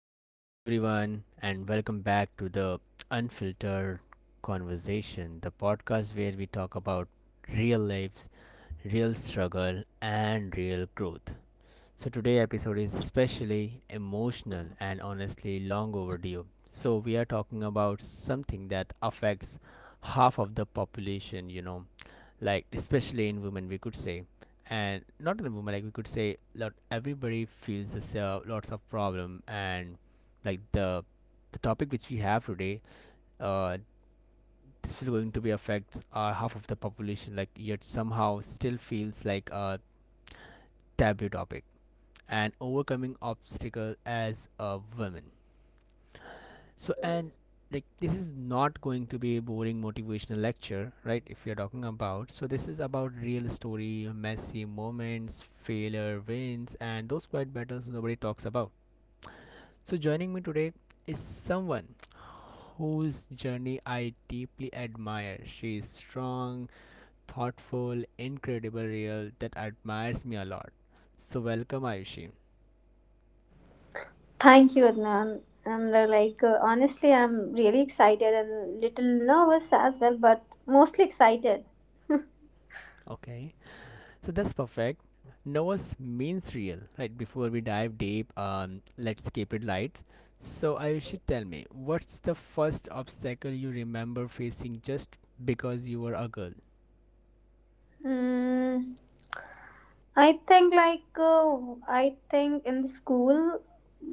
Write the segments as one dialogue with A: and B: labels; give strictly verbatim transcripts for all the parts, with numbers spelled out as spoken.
A: So, hello everyone, and welcome back to the Unfiltered Conversation, the podcast where we talk about real lives, real struggle, and real growth. So, today episode is especially emotional and honestly long overdue. So, we are talking about something that affects half of the population, you know, like especially in women we could say and not in women like we could say lot everybody feels this uh, lots of problem and like the the topic which we have today uh this will going to be affects our half of the population like yet somehow still feels like a taboo topic and overcoming obstacle as a woman. So, and like this is not going to be a boring motivational lecture, right? If you're talking about, so this is about real story, messy moments, failure, wins, and those quiet battles nobody talks about. So, joining me today is someone whose journey I deeply admire. She is strong, thoughtful, incredible, real, that admires me a lot. So, welcome, Ayushi.
B: Thank you, Adnan. I'm uh, like, uh, honestly, I'm really excited and little nervous as well, but mostly excited.
A: Okay. So that's perfect. Noah's means real, right? Before we dive deep, um, let's keep it light. So I should tell me, what's the first obstacle you remember facing just because you were a girl?
B: Mm, I think, like, uh, I think in the school,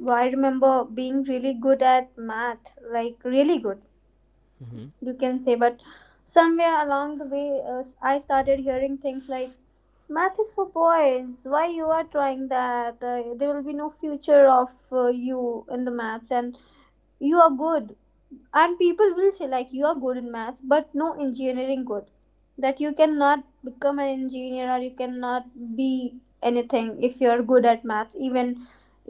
B: I remember being really good at math, like, really good,
A: Mm-hmm.
B: you can say, but somewhere along the way, uh, I started hearing things like, math is for boys, why you are trying that, uh, there will be no future of uh, you in the maths. And you are good, and people will say like you are good in maths but no engineering good, that you cannot become an engineer, or you cannot be anything if you are good at maths. Even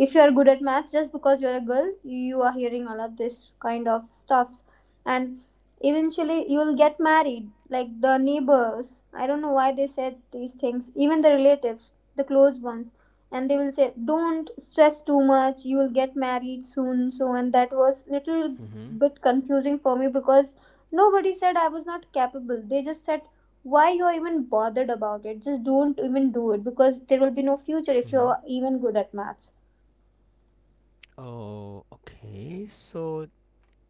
B: if you are good at maths, just because you are a girl, you are hearing all of this kind of stuffs. And eventually you will get married like the neighbors. I don't know why they said these things, even the relatives, the close ones. And they will say don't stress too much, you will get married soon. So and that was little
A: Mm-hmm.
B: bit confusing for me, because nobody said I was not capable. They just said, why you're even bothered about it? Just don't even do it, because there will be no future if
A: Mm-hmm.
B: you're even good at maths.
A: Oh, okay. So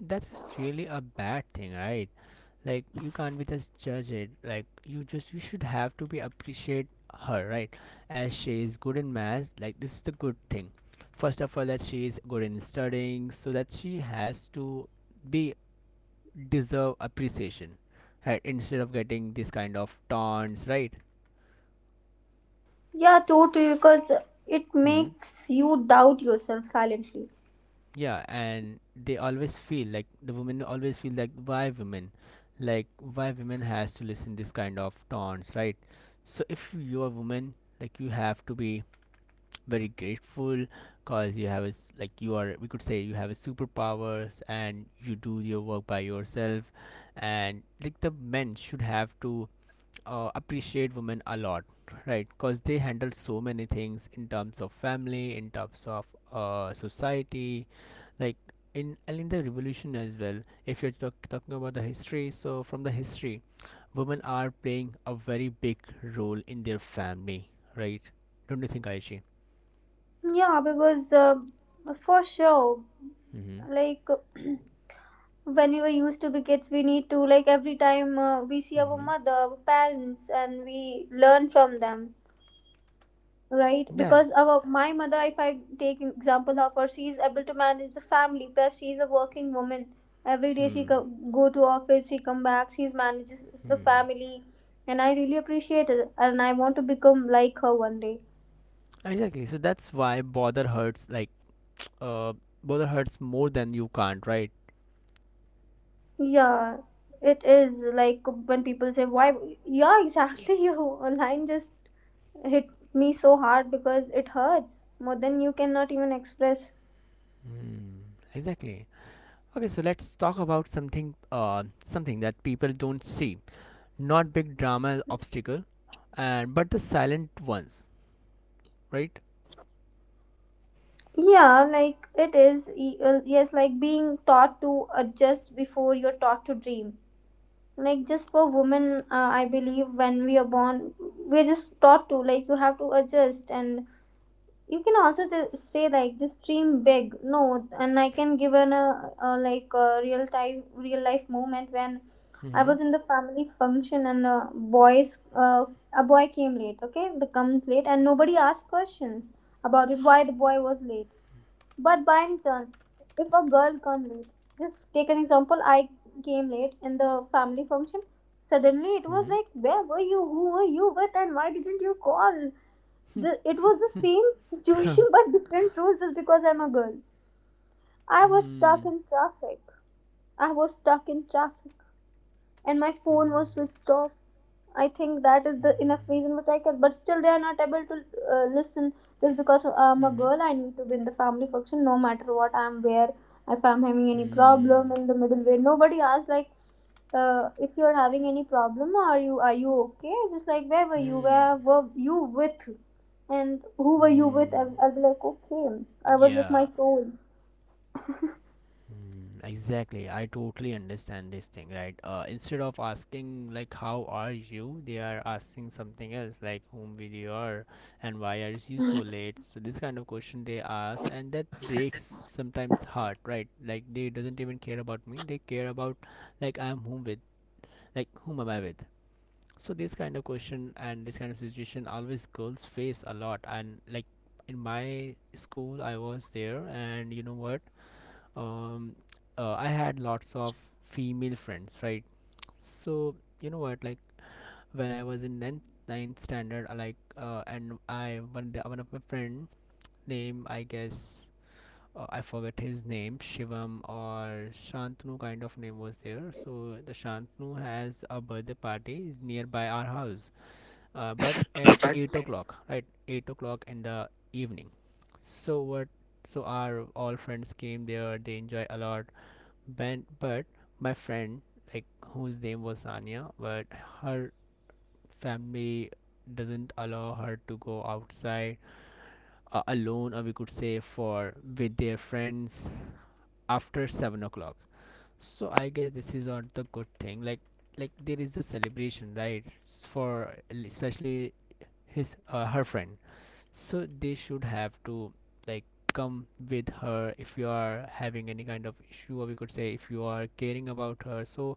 A: that is really a bad thing, right? Like you can't be just judge it like you just you should have to be appreciate her, right? As she is good in maths. Like this is the good thing first of all, that she is good in studying so that she has to be deserve appreciation, right? Instead of getting this kind of taunts, right?
B: Yeah, totally, because it
A: Hmm.
B: makes you doubt yourself silently.
A: Yeah, and they always feel like the women always feel like why women, like why women has to listen this kind of taunts, right? So if you're a woman, like you have to be very grateful because you have a s- like you are we could say you have a superpowers and you do your work by yourself. And like the men should have to uh, appreciate women a lot, right? Because they handle so many things in terms of family, in terms of uh, society, like in and in the revolution as well. If you're talk- talking about the history, so from the history, women are playing a very big role in their family, right? Don't you think, Aishi?
B: Yeah, because uh, for sure,
A: Mm-hmm.
B: like when we were used to be kids, we need to, like, every time uh, we see our
A: Mm-hmm.
B: mother, our parents, and we learn from them. Right,
A: Yeah.
B: because our, my mother, if I take example of her, she is able to manage the family, plus she is a working woman. Every day she
A: Hmm.
B: co- go to office, she come back, she manages the
A: Hmm.
B: family. And I really appreciate it, and I want to become like her one day.
A: Exactly. So that's why bother hurts. Like, uh, bother hurts more than you can't, right?
B: Yeah, it is like when people say why. Yeah, exactly. Your line just hit me so hard, because it hurts more than you cannot even express.
A: Hmm. Exactly. Okay. So let's talk about something. Uh, something that people don't see. Not big drama obstacle, and but the silent ones, right?
B: Yeah, like it is. y- uh, Yes, like being taught to adjust before you're taught to dream. Like just for women, uh, I believe when we are born, we're just taught to, like, you have to adjust, and you can also just say like just dream big. No, and I can give an a, a like a real time real life moment when I
A: Mm-hmm.
B: was in the family function and a boys uh, a boy came late. Okay, the comes late and nobody asked questions about it. Why the boy was late? But by any chance, if a girl come late, just take an example. I came late in the family function. Suddenly, it was
A: Mm-hmm.
B: like, where were you? Who were you with? And why didn't you call? The, it was the same situation but different rules, just because I'm a girl. I was stuck
A: Hmm.
B: in traffic. I was stuck in traffic, and my phone
A: Hmm.
B: was switched off. I think that is the enough reason which I can. But still, they are not able to uh, listen, just because I'm a
A: Mm-hmm.
B: girl. I need to be in the family function, no matter what I'm where. If I'm having any problem in the middle way, nobody asks like, uh, if you're having any problem, are you are you okay? Just like, where were
A: Hmm.
B: you?
A: Hmm.
B: Where were you with? And who were you
A: Hmm.
B: with? And I'll be like, okay, I was with my
A: Yeah.
B: soul.
A: Mm, exactly. I totally understand this thing, right? Uh, instead of asking like how are you, they are asking something else like whom will you are and why are you so late? So this kind of question they ask and that breaks sometimes heart, right? Like they doesn't even care about me. They care about like I am whom with, like whom am I with? So this kind of question and this kind of situation always girls face a lot, and like in my school I was there, and you know what? um uh, I had lots of female friends, right? So you know what, like when I was in ninth, ninth standard I like uh, and i one the, one of my friend name I guess, uh, I forget his name, Shivam or Shantanu kind of name was there, so the Shantanu has a birthday party is nearby our house, uh, but at eight o'clock, right? eight o'clock in the evening. So what, so our all friends came there, they enjoy a lot, but but my friend, like whose name was Sanya, but her family doesn't allow her to go outside uh, alone or we could say for with their friends after seven o'clock. So I guess this is not the good thing, like like there is a celebration, right? S- for especially his uh, her friend, so they should have to like come with her. If you are having any kind of issue or we could say if you are caring about her, so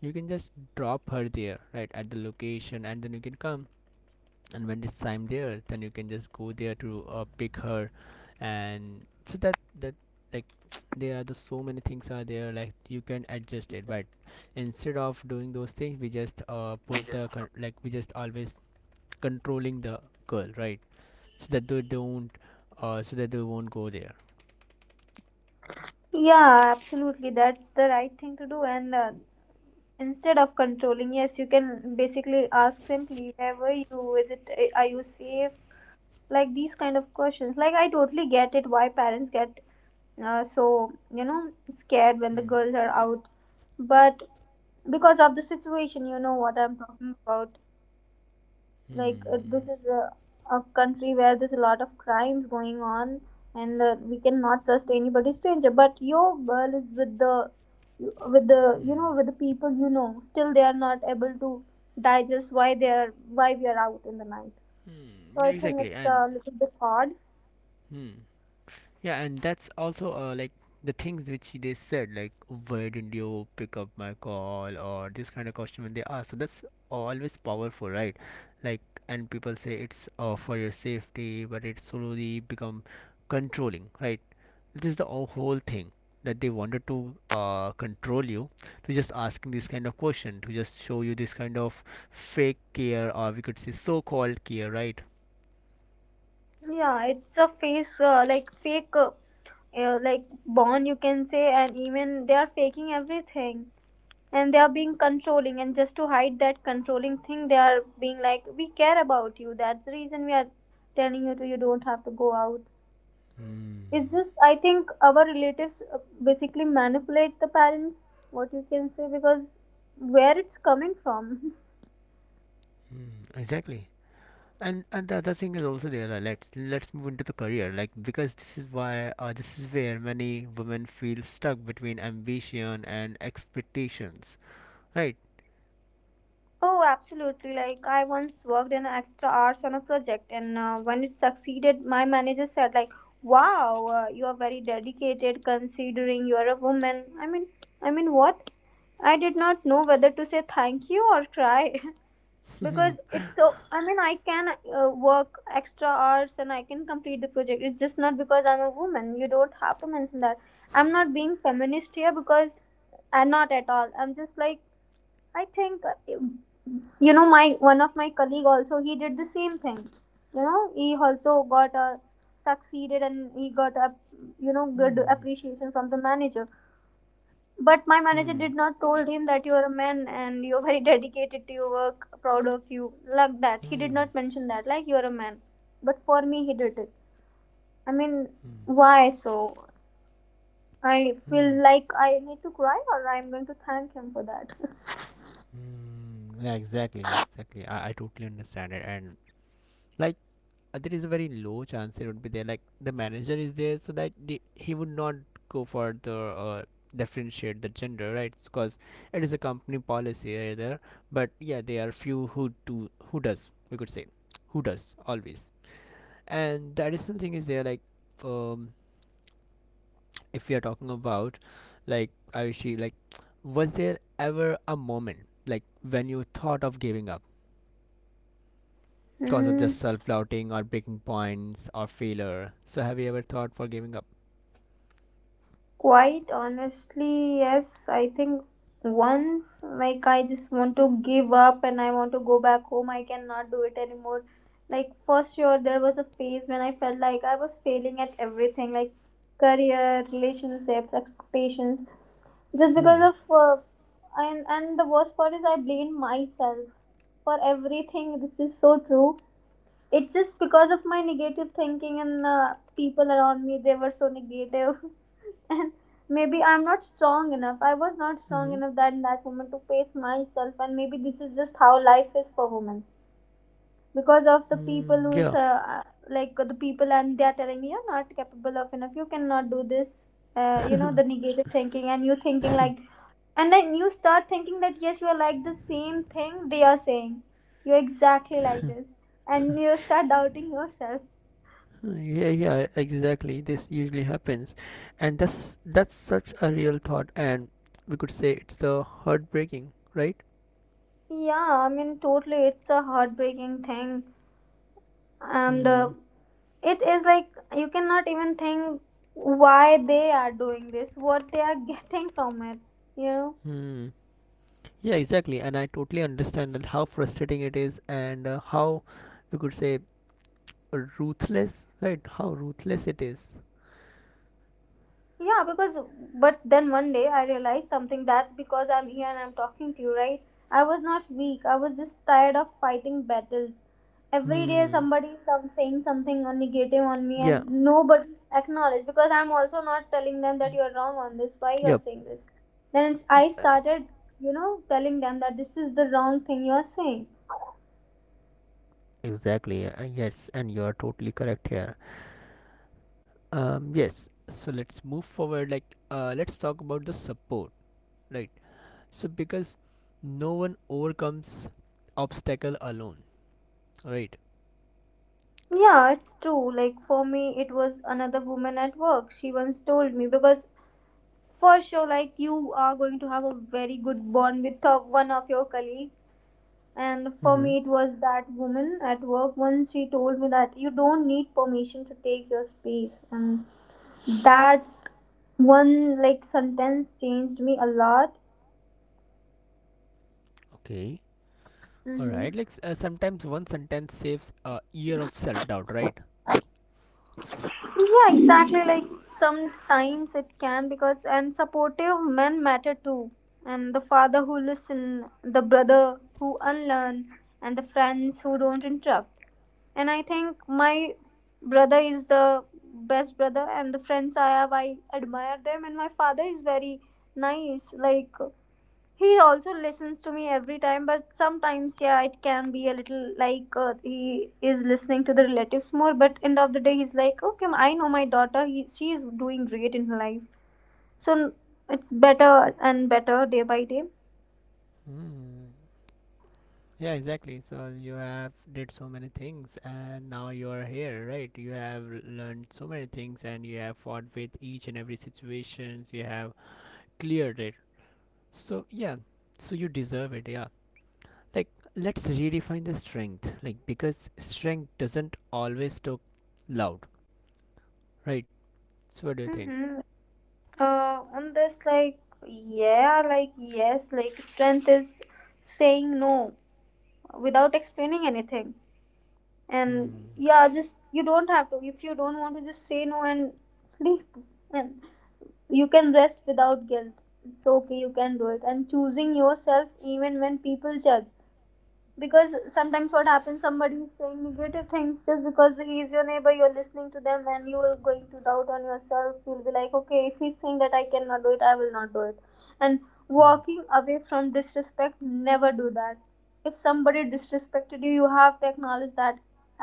A: you can just drop her there, right, at the location, and then you can come. And when it's time there, then you can just go there to uh, pick her. And so that that like there are the so many things are there, like you can adjust it. But instead of doing those things, we just uh, put the con- like we just always controlling the girl, right? So that they don't uh, so that they won't go there.
B: Yeah, absolutely. That's the right thing to do. And uh, instead of controlling, yes, you can basically ask simply, wherever you visit, a- are you safe? Like these kind of questions. Like, I totally get it why parents get uh, so, you know, scared when the
A: Hmm.
B: girls are out, but because of the situation, you know what I'm talking about. Like
A: Hmm.
B: uh, this is a, a country where there's a lot of crimes going on, and uh, we cannot trust anybody stranger, but your girl is with the you- with the, you know,
A: Hmm.
B: with the people you know, still they are not able to digest why they are, why we are out in the night.
A: Hmm.
B: So
A: Yeah,
B: I think
A: exactly,
B: it's a
A: and
B: little bit hard.
A: hmm. Yeah, and that's also uh, like the things which they said, like why didn't you pick up my call or this kind of question when they ask. So that's always powerful, right? Like, and people say it's uh, for your safety, but it slowly become controlling, right? This is the o- whole thing that they wanted to uh, control you, to just asking this kind of question, to just show you this kind of fake care or we could say so-called care, right?
B: Yeah, it's a face, uh, like fake, uh, uh, like, bond, you can say. And even they are faking everything, and they are being controlling, and just to hide that controlling thing, they are being like we care about you, that's the reason we are telling you to, you don't have to go out. It's
A: Mm.
B: just, I think our relatives uh, basically manipulate the parents, what you can say, because where it's coming from.
A: Mm, exactly. and and the other thing is also there, like, let's let's move into the career like because this is why uh, this is where many women feel stuck between ambition and expectations, right?
B: Oh, absolutely. Like, I once worked in extra hours on a project, and uh, when it succeeded, my manager said, "Like, wow, uh, you are very dedicated, considering you are a woman." I mean, I mean, what? I did not know whether to say thank you or cry. Because it's so. I mean, I can uh, work extra hours and I can complete the project. It's just not because I'm a woman. You don't have to mention that. I'm not being feminist here, because I'm not at all. I'm just like, I think uh, you know, my one of my colleague also, he did the same thing. You know, he also got a succeeded and he got a, you know, good
A: Hmm.
B: appreciation from the manager. But my manager
A: Hmm.
B: did not told him that you are a man and you are very dedicated to your work, proud of you, like that. He did
A: Hmm.
B: not mention that, like, you are a man. But for me, he did it. I mean,
A: Hmm.
B: why so? I
A: Hmm.
B: feel like I need to cry or I'm going to thank him for that.
A: Hmm. Yeah, exactly, exactly. I, I totally understand it. And like uh, there is a very low chance it would be there. Like the manager is there, so that the, he would not go for the uh, differentiate the gender, right? Because it is a company policy either. But yeah, there are few who do who does we could say who does always. And the additional thing is there like um, if we are talking about like Ayushi, like was there ever a moment like when you thought of giving up? Because of just
B: Hmm.
A: self-doubting or breaking points or failure, so have you ever thought for giving up?
B: Quite honestly, yes. I think once, like, I just want to give up and I want to go back home. I cannot do it anymore. Like, for sure, there was a phase when I felt like I was failing at everything, like career, relationships, expectations, just because of. Uh, and, and, the worst part is, I blamed myself for everything. This is so true. It's just because of my negative thinking and uh, people around me, they were so negative. And maybe I'm not strong enough, I was not strong
A: Mhm.
B: enough that, that moment to face myself, and maybe this is just how life is for women, because of the people
A: Mm,
B: who's
A: yeah.
B: uh, uh, like the people, and they are telling me you're not capable of enough, you cannot do this, uh, you know, the negative thinking, and you thinking like, and then you start thinking that yes you are like the same thing they are saying, you're exactly like this, and you start doubting yourself.
A: Yeah, yeah, exactly. This usually happens. And that's that's such a real thought and we could say it's the heartbreaking, right?
B: Yeah, I mean, totally, it's a heartbreaking thing. And uh,
A: Mm.
B: it is like, you cannot even think why they are doing this, what they are getting from it, you know.
A: Mm. Yeah, exactly. And I totally understand that how frustrating it is and uh, how we could say ruthless, right? How ruthless it is.
B: Yeah, because, but then one day I realized something. That's because I'm here and I'm talking to you, right? I was not weak, I was just tired of fighting battles. Every day
A: Hmm.
B: somebody is some saying something negative on me,
A: Yeah.
B: and nobody acknowledge, because I'm also not telling them that you're wrong on this, why you're
A: Yep.
B: saying this. Then it's, I started, you know, telling them that this is the wrong thing you're saying.
A: Exactly. Uh, yes, and you are totally correct here. Um yes, so let's move forward like uh let's talk about the support, right? So because no one overcomes obstacle alone, right?
B: Yeah, it's true. Like for me, it was another woman at work. She once told me, because for sure, like, you are going to have a very good bond with uh, one of your colleague. And for
A: Mm-hmm.
B: me, it was that woman at work. Once she told me that you don't need permission to take your space, and that one, like, sentence changed me a lot.
A: Okay. All
B: Mm-hmm.
A: right, like s- uh, sometimes one sentence saves a year of self-doubt, right?
B: Yeah, exactly. Like, sometimes it can, because and supportive men matter too. And the father who listen, the brother who unlearn, and the friends who don't interrupt. And I think my brother is the best brother, and the friends I have, I admire them. And my father is very nice. Like, he also listens to me every time, but sometimes, yeah, it can be a little like, uh, he is listening to the relatives more, but end of the day he's like, okay, I know my daughter, he, she's doing great in her life, so it's better and better day by day.
A: Mm. Yeah, exactly. So you have did so many things and now you are here, right? You have learned so many things and you have fought with each and every situations. You have cleared it. So yeah, so you deserve it. Yeah. Like let's redefine the strength like because strength doesn't always talk loud, right? So what do you think?
B: Mm-hmm. Uh, on this, like, yeah, like, yes, like, strength is saying no without explaining anything. And
A: Hmm.
B: yeah, just you don't have to, if you don't want to just say no and sleep. And you can rest without guilt. It's okay, you can do it. And choosing yourself even when people judge, because sometimes what happens, somebody is saying negative things just because he is your neighbor, you're listening to them and you are going to doubt on yourself. You'll be like, okay, if he's saying that I cannot do it, I will not do it. And
A: Hmm,
B: walking away from disrespect, never do that. If somebody disrespected you, you have to acknowledge that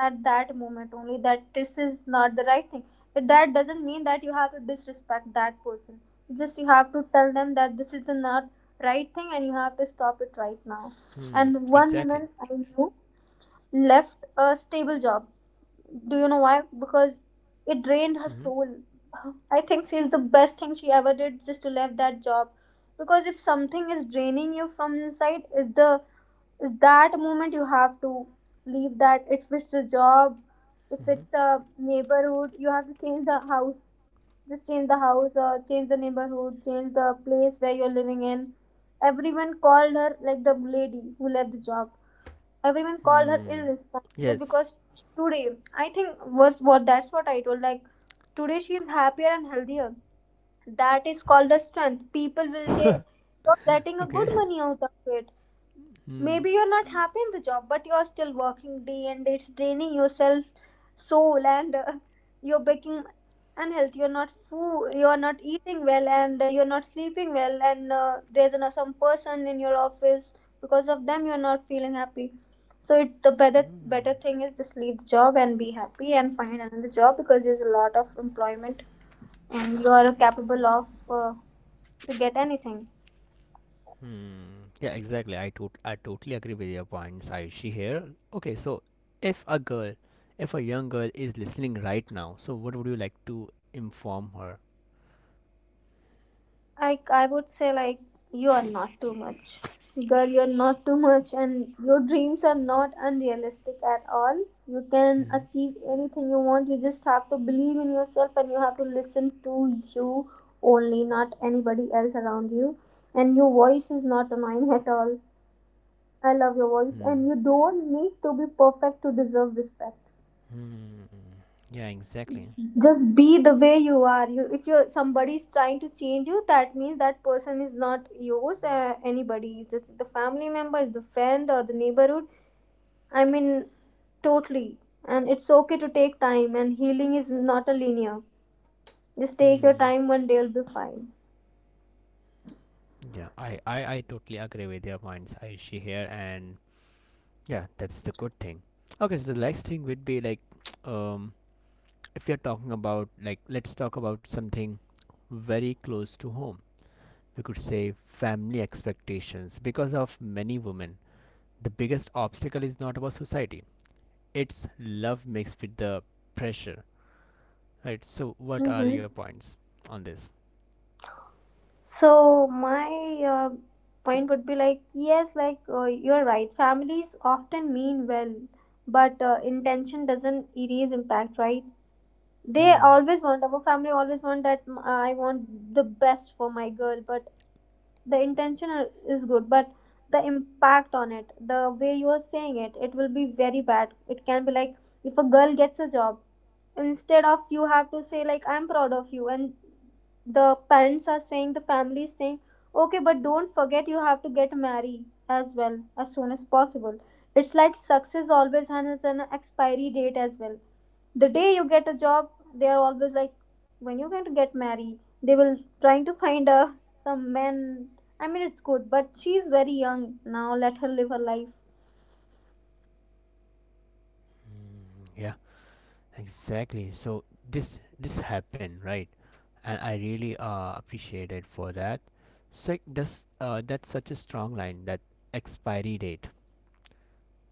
B: at that moment only, that this is not the right thing. But that doesn't mean that you have to disrespect that person. Just you have to tell them that this is the not right thing and you have to stop it right now.
A: hmm.
B: And one
A: Exactly.
B: woman I knew left a stable job. Do you know why? Because it drained her
A: Hmm.
B: soul. I think she's the best thing she ever did just to leave that job. Because if something is draining you from inside, is the is that moment you have to leave that. If it's a job, if
A: Hmm.
B: it's a neighborhood, you have to change the house. Just change the house or change the neighborhood, change the place where you're living in. Everyone called her like the lady who left the job. Everyone called her
A: Hmm.
B: irresponsible
A: Yes.
B: because today, I think was what that's what I told. Like today, she is happier and healthier. That is called a strength. People will
A: Okay.
B: say you're getting a good money out of it,
A: Hmm.
B: maybe you're not happy in the job but you're still working day and day. It's draining yourself soul and uh, you're becoming unhealthy, you're not food, you're not eating well, and uh, you're not sleeping well, and uh, there's you some person in your office, because of them you're not feeling happy. So it the better
A: Hmm.
B: better thing is just leave the job and be happy and find another job because there's a lot of employment, and you are capable of uh, to get anything.
A: Hmm. Yeah, exactly. i tot- I totally agree with your points, Aishi here. Okay, so if a girl, if a young girl is listening right now, so what would you like to inform her?
B: I I would say like you are not too much. Girl, you're not too much and your dreams are not unrealistic at all. You can
A: Hmm.
B: achieve anything you want. You just have to believe in yourself and you have to listen to you only, not anybody else around you. And your voice is not annoying at all. I love your voice
A: Hmm.
B: and you don't need to be perfect to deserve respect.
A: Hmm. Yeah, exactly.
B: Just be the way you are. You if you somebody is trying to change you, that means that person is not yours. Uh, anybody is, the family member is, the friend or the neighborhood, I mean, totally. And it's okay to take time, and healing is not a linear. Just take your
A: Hmm.
B: time, one day you'll be fine.
A: Yeah, I, I, I totally agree with your points, Aishi here, and yeah, that's the good thing. Okay, so the next thing would be like, um, if you're talking about like, let's talk about something very close to home. We could say family expectations. Because of many women, the biggest obstacle is not about society; it's love mixed with the pressure, right? So, what are
B: Hmm.
A: your points on this?
B: So my uh, point would be like, yes, like uh, you're right, families often mean well, but uh, intention doesn't erase impact, right? They
A: Hmm.
B: always want, our family always want that, mm, I want the best for my girl, but the intention are- is good, but the impact on it, the way you are saying it, it will be very bad. It can be like, if a girl gets a job, instead of you have to say like I'm proud of you, and the parents are saying, the family is saying, okay, but don't forget you have to get married as well as soon as possible. It's like success always has an expiry date as well. The day you get a job, they are always like, when you're going to get married? They will trying to find a some man. I mean, it's good, but she's very young now, let her live her life.
A: Hmm. Yeah, exactly. So this this happened, right? And I really uh, appreciate it for that. So this uh, that's such a strong line, that expiry date,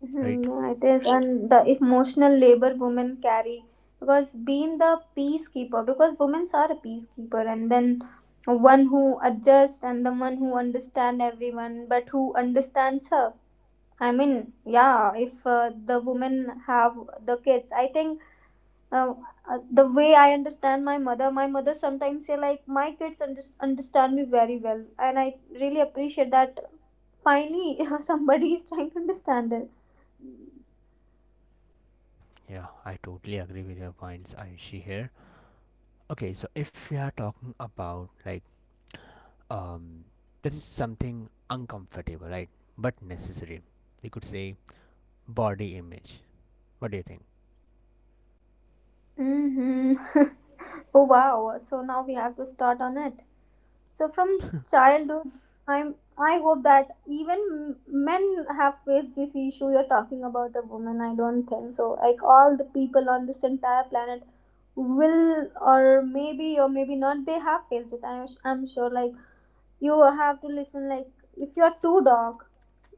B: Mhm,
A: right?
B: yeah, it is. And the emotional labor women carry, because being the peacekeeper, because women are a peacekeeper, and then one who adjusts and the one who understand everyone, but who understands her. I mean, yeah, if uh, the women have the kids, I think um, uh, the way I understand my mother, my mother sometimes say like my kids under- understand me very well, and I really appreciate that. Finally, somebody is trying to understand it.
A: Yeah, I totally agree with your points, Ayushi here. Okay, so if we are talking about like um, this is something uncomfortable, right? But necessary. We could say body image. What do you think?
B: Hmm. Oh wow! So now we have to start on it. So from childhood, I'm I hope that even m- men have faced this issue. You're talking about a woman. I don't think so. Like all the people on this entire planet will, or maybe or maybe not they have faced it. i'm, I'm sure like you have to listen. Like, if you're too dark,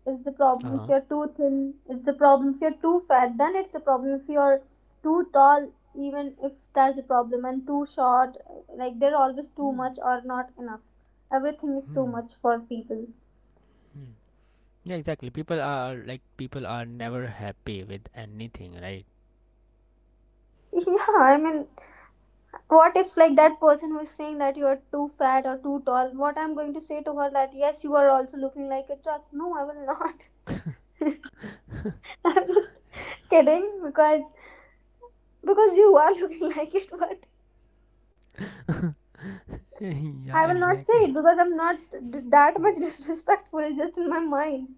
B: it's the
A: Uh
B: problem. If
A: huh.
B: you're too thin, it's the problem. If you're too fat, then it's the problem. If you're too tall, even if that's the problem, and too short. Like they're always too much or not enough. Everything is too much for people.
A: Mm-hmm. Yeah, exactly. People are like people are never happy with anything, right?
B: Yeah, I mean, what if like that person who is saying that you are too fat or too tall? What I'm going to say to her that yes, you are also looking like a truck. No, I will not. I'm just kidding, because because you are looking like it, but
A: Yeah,
B: I will not say it
A: exactly.
B: because I'm not d- that much disrespectful. It's just in my mind.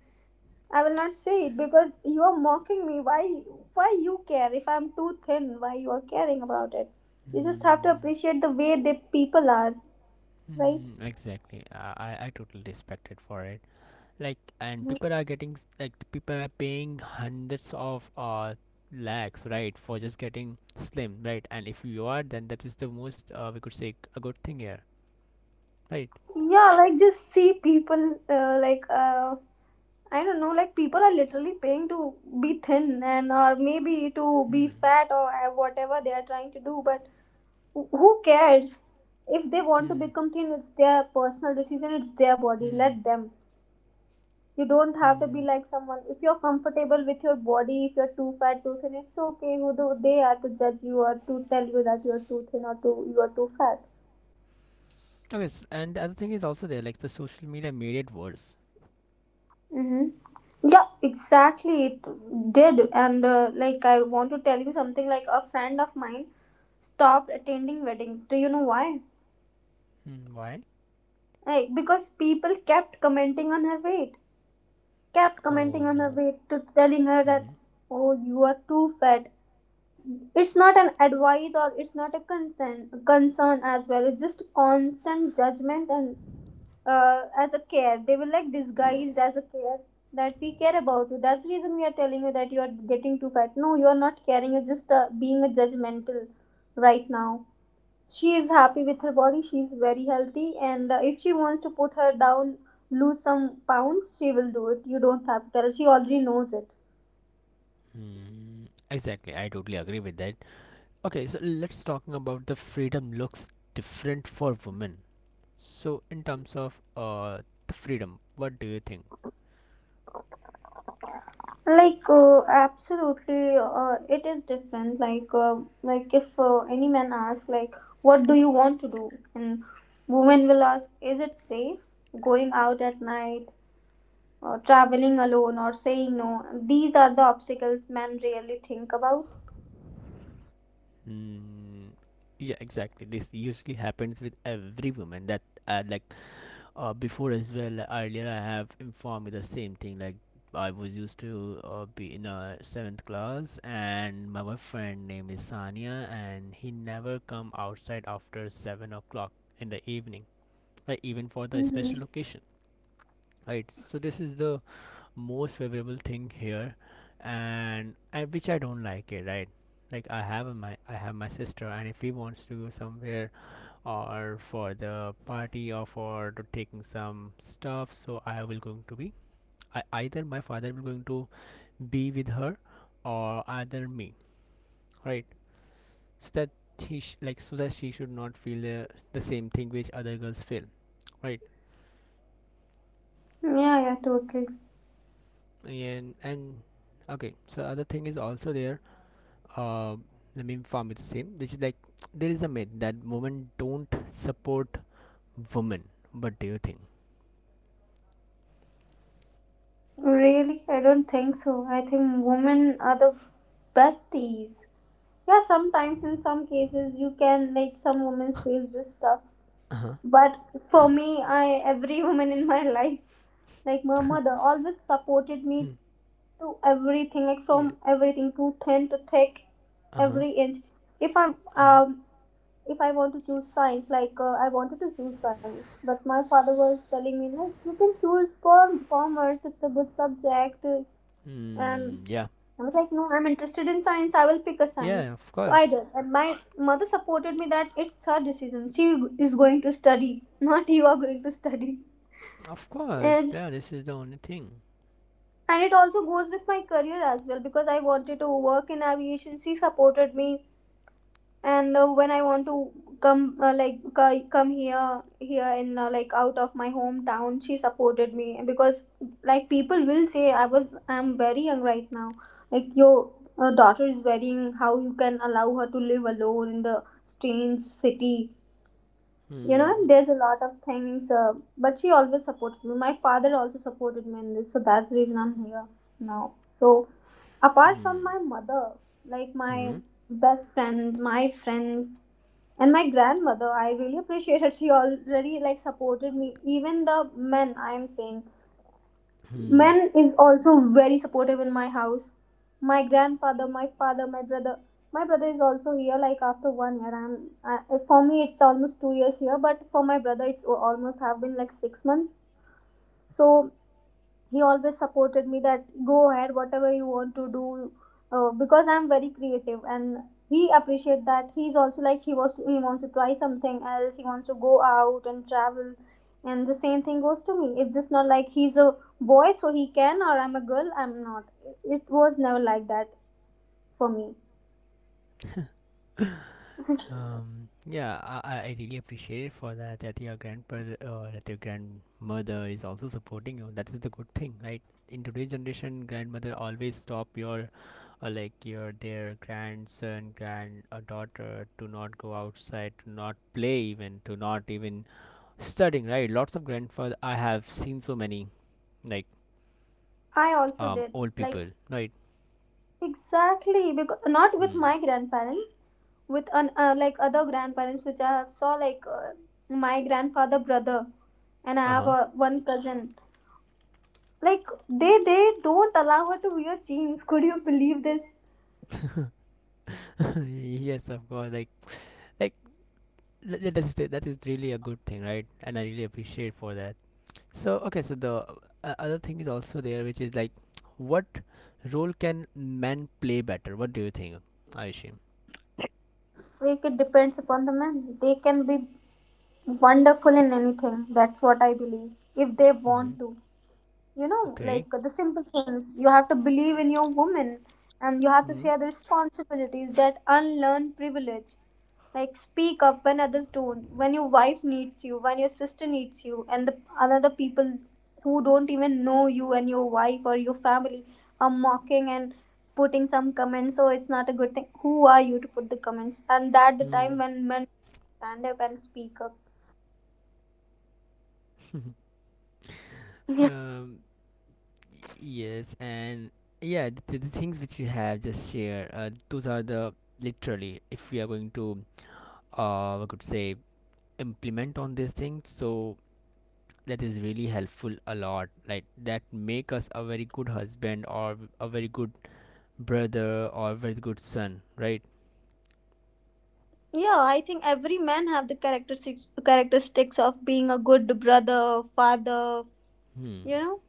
B: I will not say it because you are mocking me. Why? Why you care if I'm too thin? Why you are caring about it? You just have to
A: Mm,
B: appreciate the way the people are, right?
A: mm, exactly. Uh, I I totally respect it for it. Like, and people are getting s- like people are paying hundreds of uh lakhs, right, for just getting slim, right? And if you are, then that is the most uh we could say a good thing here, right?
B: Yeah, like just see people uh, like uh, I don't know, like people are literally paying to be thin and or maybe to be
A: Hmm.
B: fat or uh, whatever they are trying to do, but Wh- who cares? If they want to
A: Hmm.
B: become thin, it's their personal decision, it's their body.
A: Hmm.
B: Let them. You don't have to be
A: Hmm.
B: like someone. If you're comfortable with your body, if you're too fat, too thin, it's okay. Who do they are to judge you or to tell you that you're too thin or too you are too fat?
A: Okay. s And the other thing is also there, like the social media made it worse.
B: Mm-hmm. Yeah, exactly. It did. And uh, like, I want to tell you something like a friend of mine stopped attending weddings. Do you know why?
A: Hmm, why?
B: Like, because people kept commenting on her weight, kept
A: Oh
B: commenting on her
A: no.
B: weight, to telling her that
A: Mm-hmm.
B: oh you are too fat. It's not an advice or it's not a concern concern as well, it's just constant judgment, and uh, as a care, they were like disguised as a care, that we care about you, that's the reason we are telling you that you are getting too fat. No, you are not caring, you're just uh, being a judgmental right now. She is happy with her body, she is very healthy, and uh, if she wants to put her down, lose some pounds, she will do it. You don't have to tell her. She already knows it.
A: Mm, exactly. I totally agree with that. Okay, so let's talking about the freedom looks different for women. So in terms of uh the freedom, what do you think?
B: Like uh, absolutely uh, it is different. Like uh, like if uh, any man asks like, what do you want to do? And women will ask, is it safe going out at night or traveling alone or saying no? These are the obstacles men really think about.
A: Mm, yeah, exactly. This usually happens with every woman. That uh, like uh, before as well. Like, earlier, I have informed you the same thing. Like, I was used to uh, be in a seventh class, and my boyfriend name is Sanya, and he never come outside after seven o'clock in the evening. Like, even for the
B: Hmm.
A: special occasion, right? So this is the most favorable thing here, and, and which I don't like it, right? Like, i have a, my I have my sister, and if he wants to go somewhere, or for the party, or for to taking some stuff, so I will going to be— I, either my father will going to be with her, or either me, right? So that he sh- like so that she should not feel the, the same thing which other girls feel, right?
B: Yeah yeah totally.
A: and and Okay, so other thing is also there, uh, I mean, far much the same, which is like, there is a myth that women don't support women. What do you think?
B: Really, I don't think so. I think women are the besties. Yeah, sometimes in some cases you can, like some women face this stuff. But for me, I every woman in my life, like my mother, always supported me to everything, like from
A: Yeah.
B: everything to thin to thick,
A: Uh huh.
B: every inch. If I
A: Uh huh.
B: um if I want to choose
A: Yes.
B: science, like uh, I wanted to choose science, but my father was telling me like you can choose com- commerce. It's a good subject, and
A: Hmm. Yeah.
B: I was like, no, I'm interested in science. I will pick a science.
A: Yeah. Of
B: So I
A: course.
B: did. And my mother supported me that it's her decision. She is going to study, not you are going to study.
A: Of course.
B: And
A: Yeah. This is the only thing.
B: and it also goes with my career as well because I wanted to work in aviation. She supported me, and uh, when I want to come uh, like c- come here here in uh, like out of my hometown, she supported me. Because like people will say, i was I'm very young right now, like your uh, daughter is very young, how you can allow her to live alone in the strange city? You
A: Hmm.
B: know, there's a lot of things, uh, but she always supported me, my father also supported me in this, so that's the reason I'm here now. So apart from
A: Hmm.
B: my mother, like my
A: Hmm.
B: best friend, my friends, and my grandmother, I really appreciate her, she already like supported me. Even the men, I am saying
A: Hmm.
B: men is also very supportive in my house. My grandfather, my father, my brother. My brother is also here, like after one year. I'm uh, for me it's almost two years here, but for my brother it's o- almost have been like six months. So he always supported me that go ahead whatever you want to do, uh, because I'm very creative, and he appreciate that. He's also like, he was he wants to try something else, he wants to go out and travel. And the same thing goes to me, it's just not like he's a boy so he can or I'm a girl I'm not. It was never like that for me.
A: Um, yeah, I, I really appreciate it for that. That your grandpa, or that your grandmother is also supporting you. That is the good thing, right? In today's generation, grandmother always stop your— uh, like your, their grandson, grand uh, daughter, to not go outside, to not play, even to not even studying, right? Lots of grandfather I have seen, so many, like,
B: I also
A: um
B: did.
A: old
B: Like
A: people, right?
B: exactly, because not with
A: Hmm.
B: my grandparents, with an uh, like other grandparents which I have saw, like uh, my grandfather brother, and I
A: Uh
B: have
A: huh.
B: uh, one cousin, like they they don't allow her to wear jeans. Could you believe this?
A: Yes, of course. Like, like Th- th- that's the- that is really a good thing, right? And I really appreciate for that. So okay, so the uh, other thing is also there, which is like, what role can men play better? What do you think, ayushim?
B: Like it depends upon the man. They can be wonderful in anything, that's what I believe. If they
A: Mm-hmm.
B: want to, you know, like
A: Okay.
B: the simple things. You have to believe in your woman and you have to share the responsibilities, that unlearn privilege. Like speak up when others don't, when your wife needs you, when your sister needs you, and the other people who don't even know you and your wife or your family are mocking and putting some comments. So it's not a good thing. Who are you to put the comments? And that the
A: Mm-hmm.
B: time when men stand up and speak up.
A: um yes. And yeah, the, the things which you have just shared, uh, those are the— literally, if we are going to, uh I could say, implement on these things. So that is really helpful a lot, like that make us a very good husband, or a very good brother, or very good son, right?
B: Yeah, I think every man have the characteristics characteristics of being a good brother, father,
A: Hmm.
B: you know.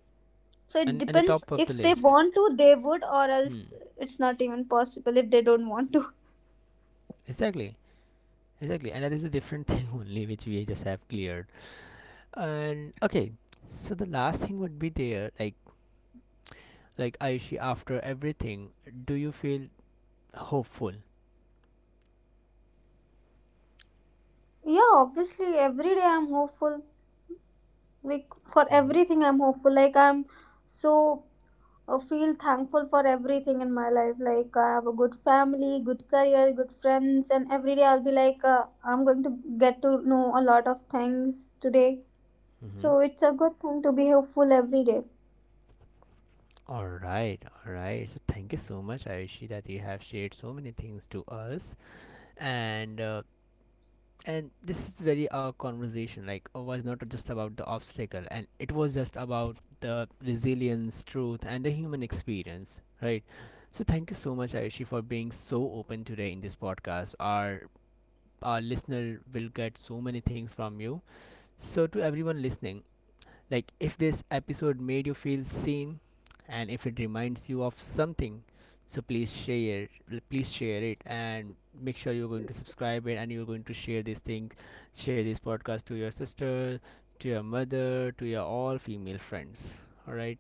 B: So it
A: And and the
B: depends,
A: top of
B: if
A: the
B: they
A: list.
B: want to, they would, or
A: Hmm.
B: else it's not even possible if they don't want to.
A: Exactly, exactly, and that is a different thing only which we just have cleared. And okay, so the last thing would be there, like, like aishi, after everything, do you feel hopeful?
B: Yeah, obviously, every day I'm hopeful. Like for
A: Mm-hmm.
B: everything, I'm hopeful. Like I'm so uh, feel thankful for everything in my life. Like I have a good family, good career, good friends, and every day I'll be like, uh, I'm going to get to know a lot of things today.
A: Mm-hmm.
B: So it's a good thing to be hopeful every day.
A: All right, all right, so thank you so much, aishi, that you have shared so many things to us. And uh, and this is very our conversation, like it was not just about the obstacle, and it was just about the resilience, truth, and the human experience, right? So thank you so much, aishi, for being so open today in this podcast. Our our listener will get so many things from you. So to everyone listening, like, if this episode made you feel seen, and if it reminds you of something, so please share, please share it, and make sure you're going to subscribe it, and you're going to share these things. Share this podcast to your sister, to your mother, to your all female friends, all right?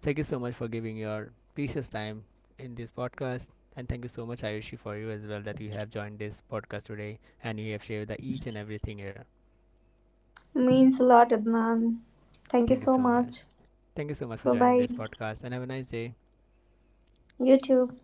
A: Thank you so much for giving your precious time in this podcast. And thank you so much, ayushi, for you as well, that you have joined this podcast today, and you have shared the each and everything here.
B: Means a lot, Adnan. Thank you
A: Thank you
B: so
A: so much.
B: much.
A: Thank you so much for
B: Bye
A: joining
B: bye.
A: this podcast, and have a nice day.
B: You too.